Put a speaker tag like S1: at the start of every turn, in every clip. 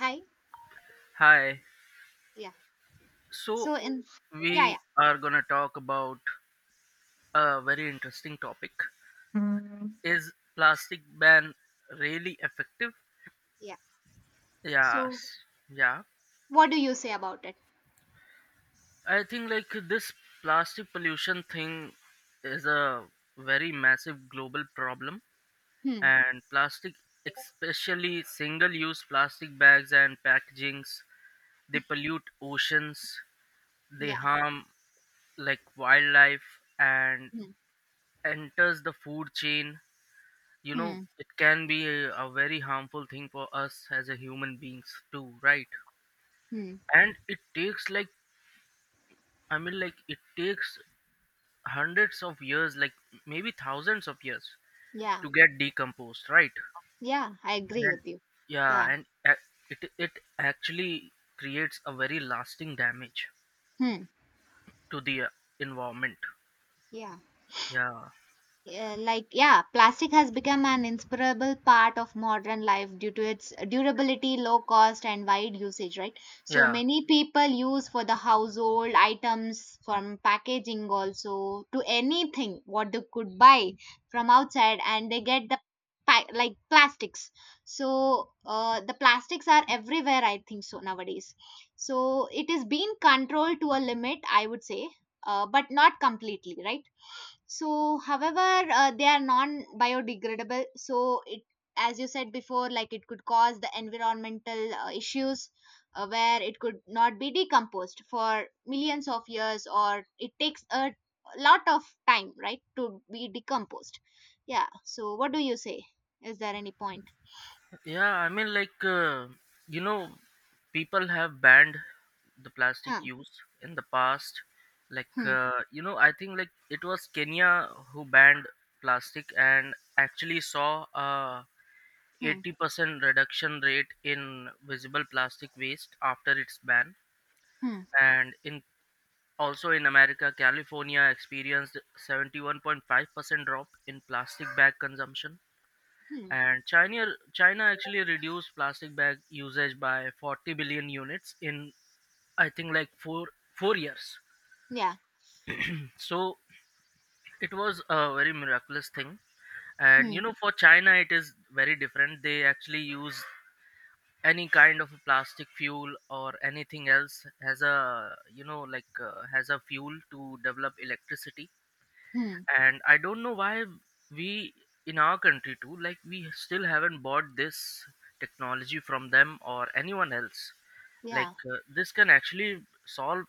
S1: Hi.
S2: Hi.
S1: Yeah.
S2: So
S1: So in yeah, yeah,
S2: we are gonna talk about a very interesting topic.
S1: Mm,
S2: Is plastic ban really effective?
S1: yeah. So
S2: Yes. Yeah.
S1: what do you say about it?
S2: I think like this plastic pollution thing is a very massive global problem,
S1: Hmm.
S2: and plastic, especially single use plastic bags and packagings, they pollute oceans, they
S1: Yeah.
S2: harm like wildlife, and
S1: Hmm.
S2: enters the food chain.
S1: Hmm.
S2: It can be a very harmful thing for us as a human beings too, right?
S1: Hmm.
S2: And it takes like, I mean, like it takes hundreds of years, like maybe thousands of years
S1: Yeah.
S2: to get decomposed, right?
S1: Yeah. I agree
S2: And
S1: with you. Yeah.
S2: yeah, and it actually creates a very lasting damage
S1: Hmm.
S2: to the environment.
S1: Yeah.
S2: Yeah,
S1: Yeah, like yeah plastic has become an inseparable part of modern life due to its durability, low cost, and wide usage, right? So
S2: yeah.
S1: many people use for the household items, from packaging also to anything what they could buy from outside, and they get the like plastics. So the plastics are everywhere, I think so, nowadays. So it is being controlled to a limit, I would say, but not completely, right? So, however, they are non-biodegradable. So, it, as you said before, like it could cause the environmental issues, where it could not be decomposed for millions of years, or it takes a lot of time, right, to be decomposed. Yeah. So, what do you say? Is there any point?
S2: Yeah, I mean, like, you know, people have banned the plastic
S1: Hmm.
S2: use in the past. Like,
S1: Hmm.
S2: I think like it was Kenya who banned plastic and actually saw a
S1: Hmm.
S2: 80% reduction rate in visible plastic waste after its ban.
S1: Hmm.
S2: And in also in America, California experienced 71.5% drop in plastic bag consumption.
S1: Hmm.
S2: And China actually reduced plastic bag usage by 40 billion units in, I think, like four years.
S1: Yeah.
S2: So it was a very miraculous thing. And
S1: Hmm.
S2: for China, it is very different. They actually use any kind of plastic fuel or anything else as a has a fuel to develop electricity.
S1: Hmm.
S2: And I don't know why we in our country too, like we still haven't bought this technology from them or anyone else, like
S1: Yeah.
S2: this can actually solve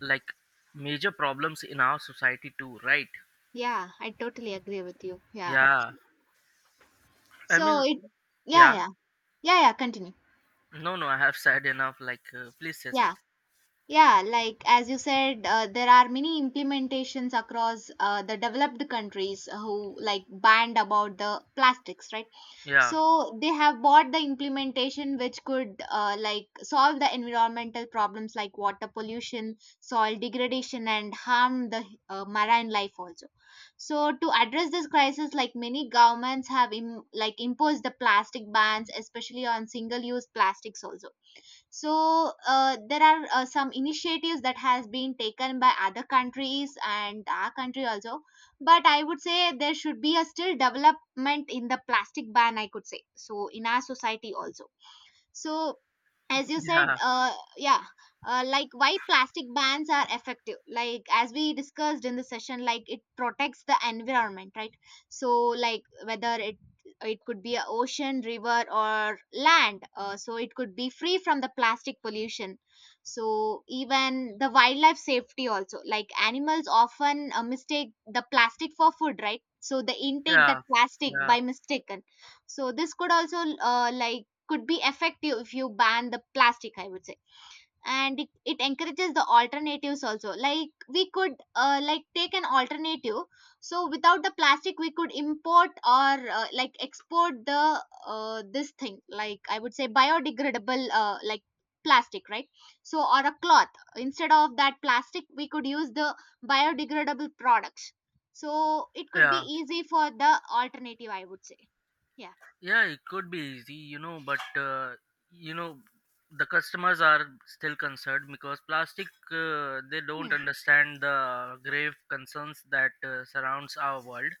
S2: like major problems in our society too, right?
S1: Yeah. I totally agree with you. Yeah.
S2: Yeah, I
S1: So
S2: mean,
S1: it. Yeah.
S2: yeah.
S1: Yeah. Yeah. Yeah. Continue.
S2: No, no, I have said enough. Like, please say
S1: Yeah.
S2: something.
S1: Yeah, like as you said, there are many implementations across the developed countries who like banned about the plastics, right?
S2: yeah,
S1: So they have bought the implementation which could like solve the environmental problems like water pollution, soil degradation, and harm the marine life also. So to address this crisis, like many governments have like imposed the plastic bans, especially on single-use plastics also. So there are some initiatives that has been taken by other countries and our country also, but I would say there should be a still development in the plastic ban, I could say, so in our society also. So as you said
S2: yeah,
S1: yeah, like why plastic bans are effective, like as we discussed in the session, like it protects the environment, right? So like whether it could be a ocean, river, or land, so it could be free from the plastic pollution. So even the wildlife safety also, like animals often mistake the plastic for food, right? So they intake that
S2: yeah,
S1: plastic
S2: yeah,
S1: by mistaken. So this could also, like, could be effective if you ban the plastic, I would say. And it encourages the alternatives also, like we could like take an alternative. So without the plastic we could import, or like export the this thing, like I would say biodegradable like plastic, right? So, or a cloth, instead of that plastic we could use the biodegradable products. So it could be
S2: yeah.
S1: easy for the alternative, I would say. Yeah.
S2: Yeah, it could be easy, but you know the customers are still concerned because plastic, they
S1: Hmm.
S2: don't understand the grave concerns that surrounds our world.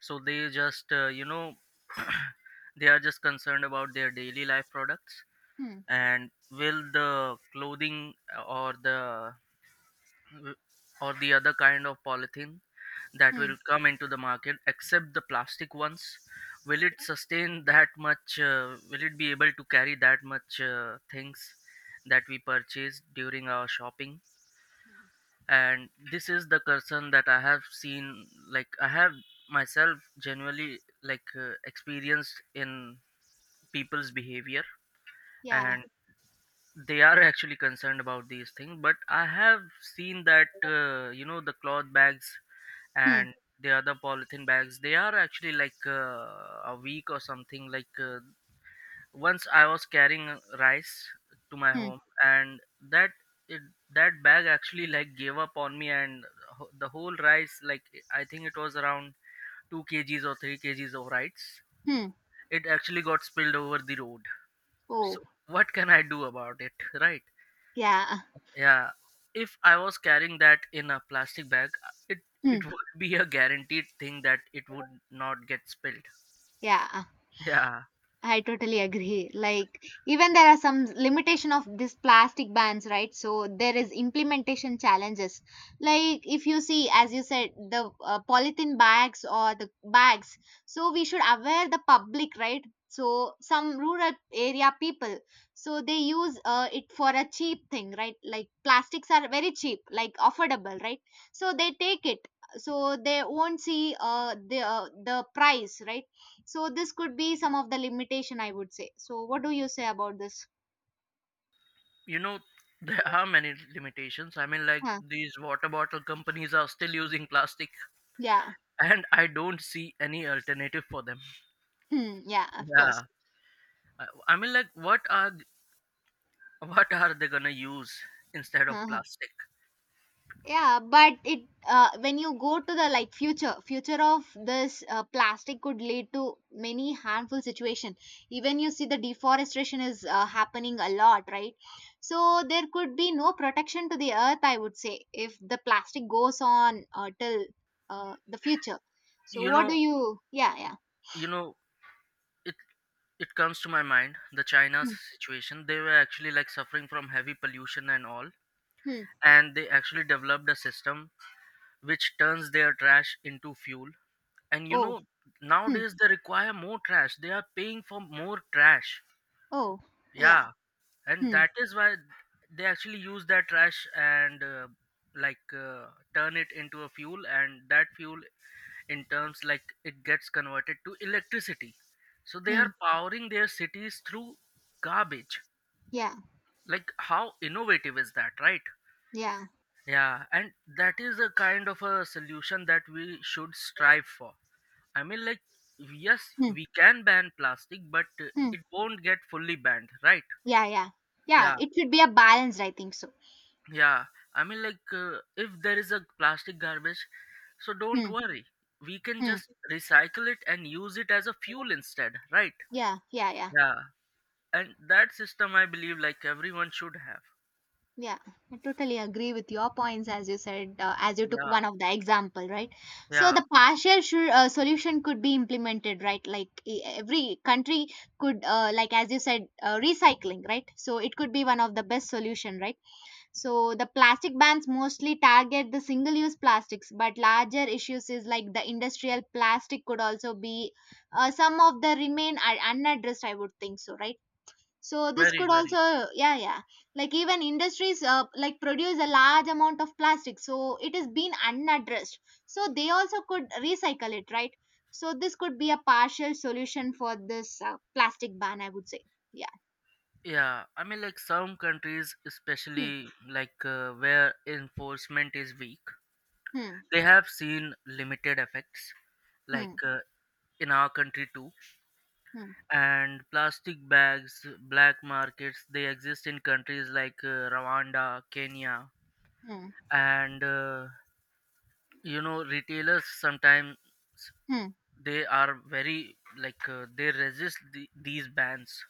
S2: So they just they are just concerned about their daily life products.
S1: Hmm.
S2: And will the clothing, uh, or the other kind of polythene that
S1: Hmm.
S2: will come into the market except the plastic ones, will
S1: Yeah.
S2: it sustain that much? Will it be able to carry that much things that we purchase during our shopping?
S1: Hmm.
S2: And this is the person that I have seen, like I have myself genuinely, like experienced in people's behavior.
S1: Yeah.
S2: And they are actually concerned about these things, but I have seen that the cloth bags
S1: Hmm.
S2: and the other polythene bags, they are actually like a week or something, like once I was carrying rice to my
S1: Hmm.
S2: home, and that it, that bag actually like gave up on me, and the whole rice, like I think it was around 2 kgs or 3 kgs of rice,
S1: Hmm.
S2: it actually got spilled over the road.
S1: Oh.
S2: So what can I do about it, right?
S1: Yeah.
S2: Yeah, if I was carrying that in a plastic bag, it it
S1: Hmm.
S2: would be a guaranteed thing that it would not get spilled.
S1: Yeah.
S2: Yeah.
S1: I totally agree. Like even there are some limitation of this plastic bans, right? So there is implementation challenges. Like if you see, as you said, the polythene bags or the bags. So we should aware the public, right? So some rural area people, so they use it for a cheap thing, right? Like plastics are very cheap, like affordable, right? So they take it. So they won't see the price, right? So this could be some of the limitation, I would say. So what do you say about this?
S2: you know there are many limitations. I mean, like,
S1: Huh.
S2: these water bottle companies are still using plastic
S1: Yeah.
S2: and I don't see any alternative for them.
S1: Hmm. Yeah. Of course.
S2: Yeah, i I mean, like, what are they gonna use instead of
S1: Huh.
S2: plastic?
S1: Yeah. But it, when you go to the like future of this plastic could lead to many harmful situation. Even you see the deforestation is happening a lot, right? So there could be no protection to the earth. I would say if the plastic goes on till the future. So
S2: you
S1: what do
S2: know
S1: you? Yeah. Yeah.
S2: you know it it comes to my mind, the China's
S1: Hmm.
S2: situation. They were actually like suffering from heavy pollution and all.
S1: Hmm.
S2: And they actually developed a system which turns their trash into fuel. And you
S1: Oh.
S2: know,
S1: Hmm.
S2: nowadays they require more trash. They are paying for more trash.
S1: Oh, yeah.
S2: Yeah, and
S1: Hmm.
S2: that is why they actually use that trash and like turn it into a fuel, and that fuel in terms like it gets converted to electricity. So they
S1: Hmm.
S2: are powering their cities through garbage.
S1: Yeah.
S2: Like how innovative is that, right?
S1: Yeah.
S2: Yeah, and that is a kind of a solution that we should strive for. I mean, like, yes,
S1: Hmm.
S2: we can ban plastic, but
S1: Hmm.
S2: it won't get fully banned, right?
S1: Yeah. Yeah. Yeah.
S2: Yeah,
S1: It should be a balance, I think so.
S2: yeah. I mean, like, if there is a plastic garbage, so don't
S1: Hmm.
S2: worry. We can
S1: Hmm.
S2: just recycle it and use it as a fuel instead, right?
S1: Yeah. Yeah. Yeah.
S2: Yeah, and that system I believe like everyone should have.
S1: Yeah. I totally agree with your points, as you said, as you took
S2: Yeah,
S1: one of the example, right? So
S2: yeah,
S1: the partial sure, solution could be implemented, right? Like every country could, like as you said, recycling, right? So it could be one of the best solution, right? So the plastic bans mostly target the single use plastics, but larger issues is like the industrial plastic could also be some of the remain are unaddressed, I would think so, right? So this
S2: very,
S1: could
S2: very.
S1: also, yeah, yeah, like even industries like produce a large amount of plastic, so it is being unaddressed. So they also could recycle it, right? So this could be a partial solution for this plastic ban, I would say. Yeah.
S2: Yeah, I mean, like some countries,
S1: Hmm.
S2: especially like where enforcement is weak,
S1: Hmm.
S2: they have seen limited effects, like
S1: Hmm.
S2: in our country too.
S1: Hmm.
S2: And plastic bags, black markets, they exist in countries like Rwanda, Kenya,
S1: Hmm.
S2: and you know, retailers sometimes,
S1: Hmm.
S2: they are very like they resist these bans,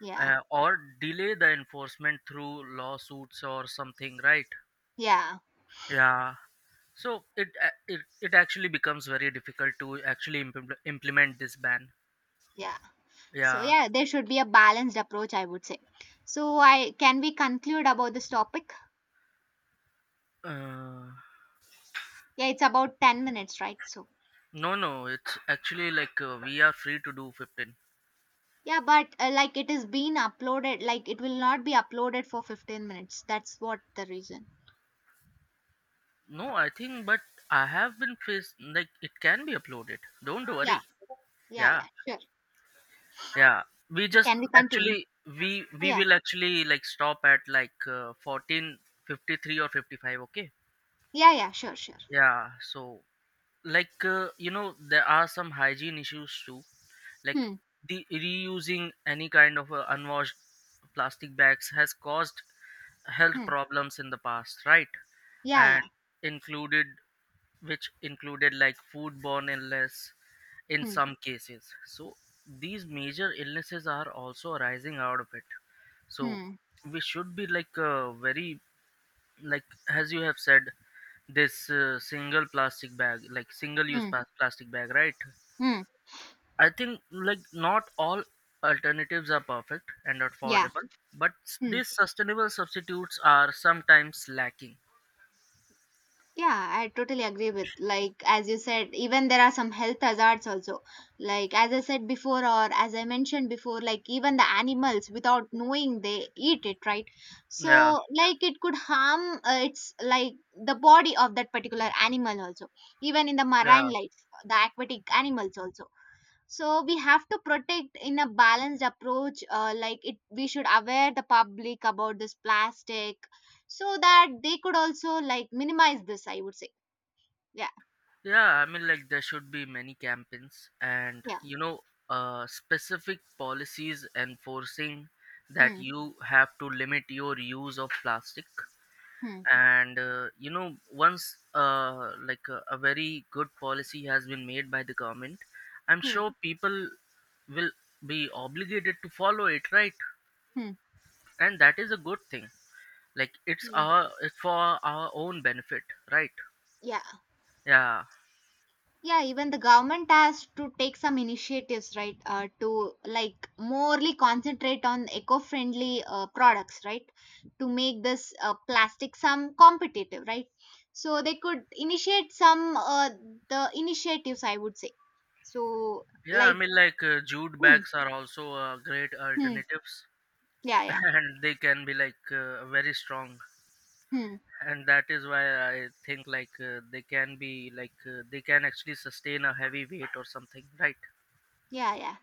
S1: Yeah.
S2: or delay the enforcement through lawsuits or something, right?
S1: Yeah.
S2: Yeah. So it a- it it actually becomes very difficult to actually implement this ban.
S1: Yeah. So
S2: Yeah.
S1: yeah, there should be a balanced approach, I would say. So, I can we conclude about this topic?
S2: Uh,
S1: Yeah, it's about 10 minutes, right? So
S2: no, no. It's actually like we are free to do 15.
S1: yeah, but like it is being uploaded, like it will not be uploaded for 15 minutes, that's what the reason.
S2: No, I think, but I have been faced like it can be uploaded. Don't
S1: Yeah.
S2: worry.
S1: Yeah,
S2: Yeah,
S1: yeah, sure.
S2: yeah. We just
S1: Can we continue?
S2: actually we
S1: Oh,
S2: we
S1: yeah.
S2: will actually like stop at like 14, 53 or 55. Okay.
S1: Yeah, yeah, sure, sure.
S2: Yeah. So like you know there are some hygiene issues too. Like
S1: Hmm.
S2: the reusing any kind of unwashed plastic bags has caused health
S1: Hmm.
S2: problems in the past, right?
S1: Yeah,
S2: and
S1: yeah.
S2: included which included like foodborne illness in
S1: Hmm.
S2: some cases. So these major illnesses are also arising out of it. So
S1: Hmm.
S2: we should be like very like, as you have said, this single plastic bag, like single use
S1: Hmm.
S2: plastic bag, right?
S1: Hmm.
S2: I think like not all alternatives are perfect and
S1: Yeah.
S2: affordable, but
S1: Hmm.
S2: these sustainable substitutes are sometimes lacking.
S1: Yeah, I totally agree with, like as you said, even there are some health hazards also. Like as I said before, or as I mentioned before, like even the animals without knowing they eat it, right?
S2: Yeah,
S1: So like it could harm its like the body of that particular animal also. Even in the marine
S2: yeah,
S1: life, the aquatic animals also, so we have to protect in a balanced approach, like it we should aware the public about this plastic, so that they could also like minimize this, I would say. Yeah.
S2: yeah. I mean, like, there should be many campaigns, and,
S1: Yeah.
S2: you know, specific policies enforcing that
S1: Mm.
S2: you have to limit your use of plastic.
S1: Mm.
S2: And, you know, once, like, a very good policy has been made by the government, I'm
S1: Mm.
S2: sure people will be obligated to follow it, right?
S1: Mm.
S2: And that is a good thing. Like,
S1: Yeah.
S2: it's for our own benefit, right?
S1: Yeah.
S2: Yeah.
S1: Yeah, even the government has to take some initiatives, right, to like morely concentrate on eco-friendly products, right, to make this plastic some competitive, right? So they could initiate some the initiatives, I would say. So,
S2: Yeah, I
S1: like,
S2: mean, like jute
S1: hmm,
S2: bags are also great
S1: hmm,
S2: alternatives,
S1: yeah, yeah.
S2: and they can be like very strong,
S1: Hmm.
S2: and that is why I think like they can actually sustain a heavy weight or something, right?
S1: Yeah, yeah.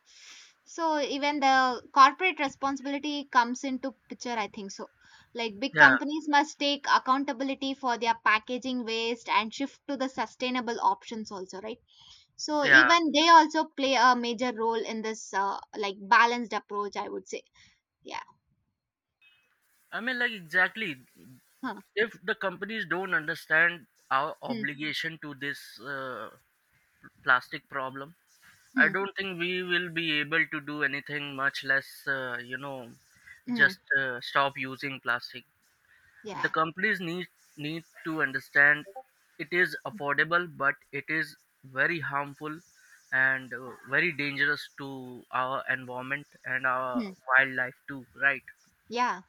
S1: So even the corporate responsibility comes into picture, I think so. Like big
S2: Yeah,
S1: companies must take accountability for their packaging waste and shift to the sustainable options also, right? So
S2: yeah.
S1: even they also play a major role in this like balanced approach, I would say. Yeah.
S2: I mean, like, exactly.
S1: Huh.
S2: If the companies don't understand our
S1: Hmm.
S2: obligation to this plastic problem, I
S1: Hmm.
S2: don't think we will be able to do anything, much less,
S1: Hmm.
S2: just stop using plastic.
S1: Yeah.
S2: The companies need to understand it is
S1: Hmm.
S2: affordable, but it is very harmful and very dangerous to our environment and our
S1: Hmm.
S2: wildlife too, right?
S1: Yeah.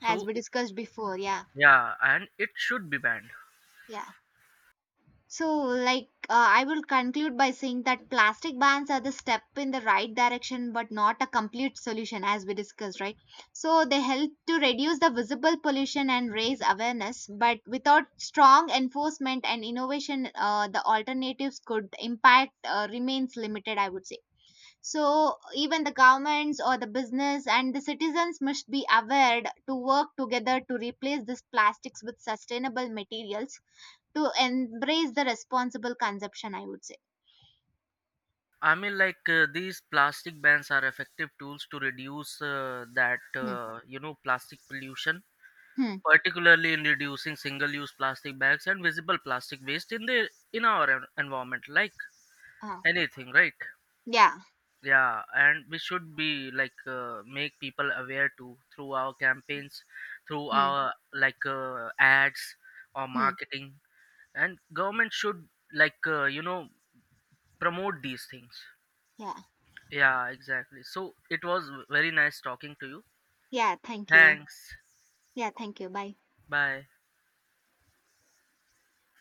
S1: As we discussed before. Yeah.
S2: yeah, and it should be banned.
S1: Yeah. So, like, I will conclude by saying that plastic bans are the step in the right direction, but not a complete solution, as we discussed, right? So, they help to reduce the visible pollution and raise awareness, but without strong enforcement and innovation, the alternatives could impact, remains limited, I would say. So, even the governments or the business and the citizens must be aware to work together to replace these plastics with sustainable materials, to embrace the responsible consumption, I would say.
S2: I mean, like these plastic bans are effective tools to reduce that
S1: Hmm.
S2: plastic pollution,
S1: Hmm.
S2: particularly in reducing single-use plastic bags and visible plastic waste in our environment, like
S1: Oh,
S2: anything, right?
S1: yeah.
S2: Yeah, and we should be like make people aware too through our campaigns, through
S1: Hmm.
S2: our like ads or
S1: Hmm.
S2: marketing, and government should like you know promote these things.
S1: Yeah,
S2: Yeah, exactly. So it was very nice talking to you.
S1: yeah, thank you.
S2: Thanks.
S1: Yeah, thank you. Bye.
S2: Bye.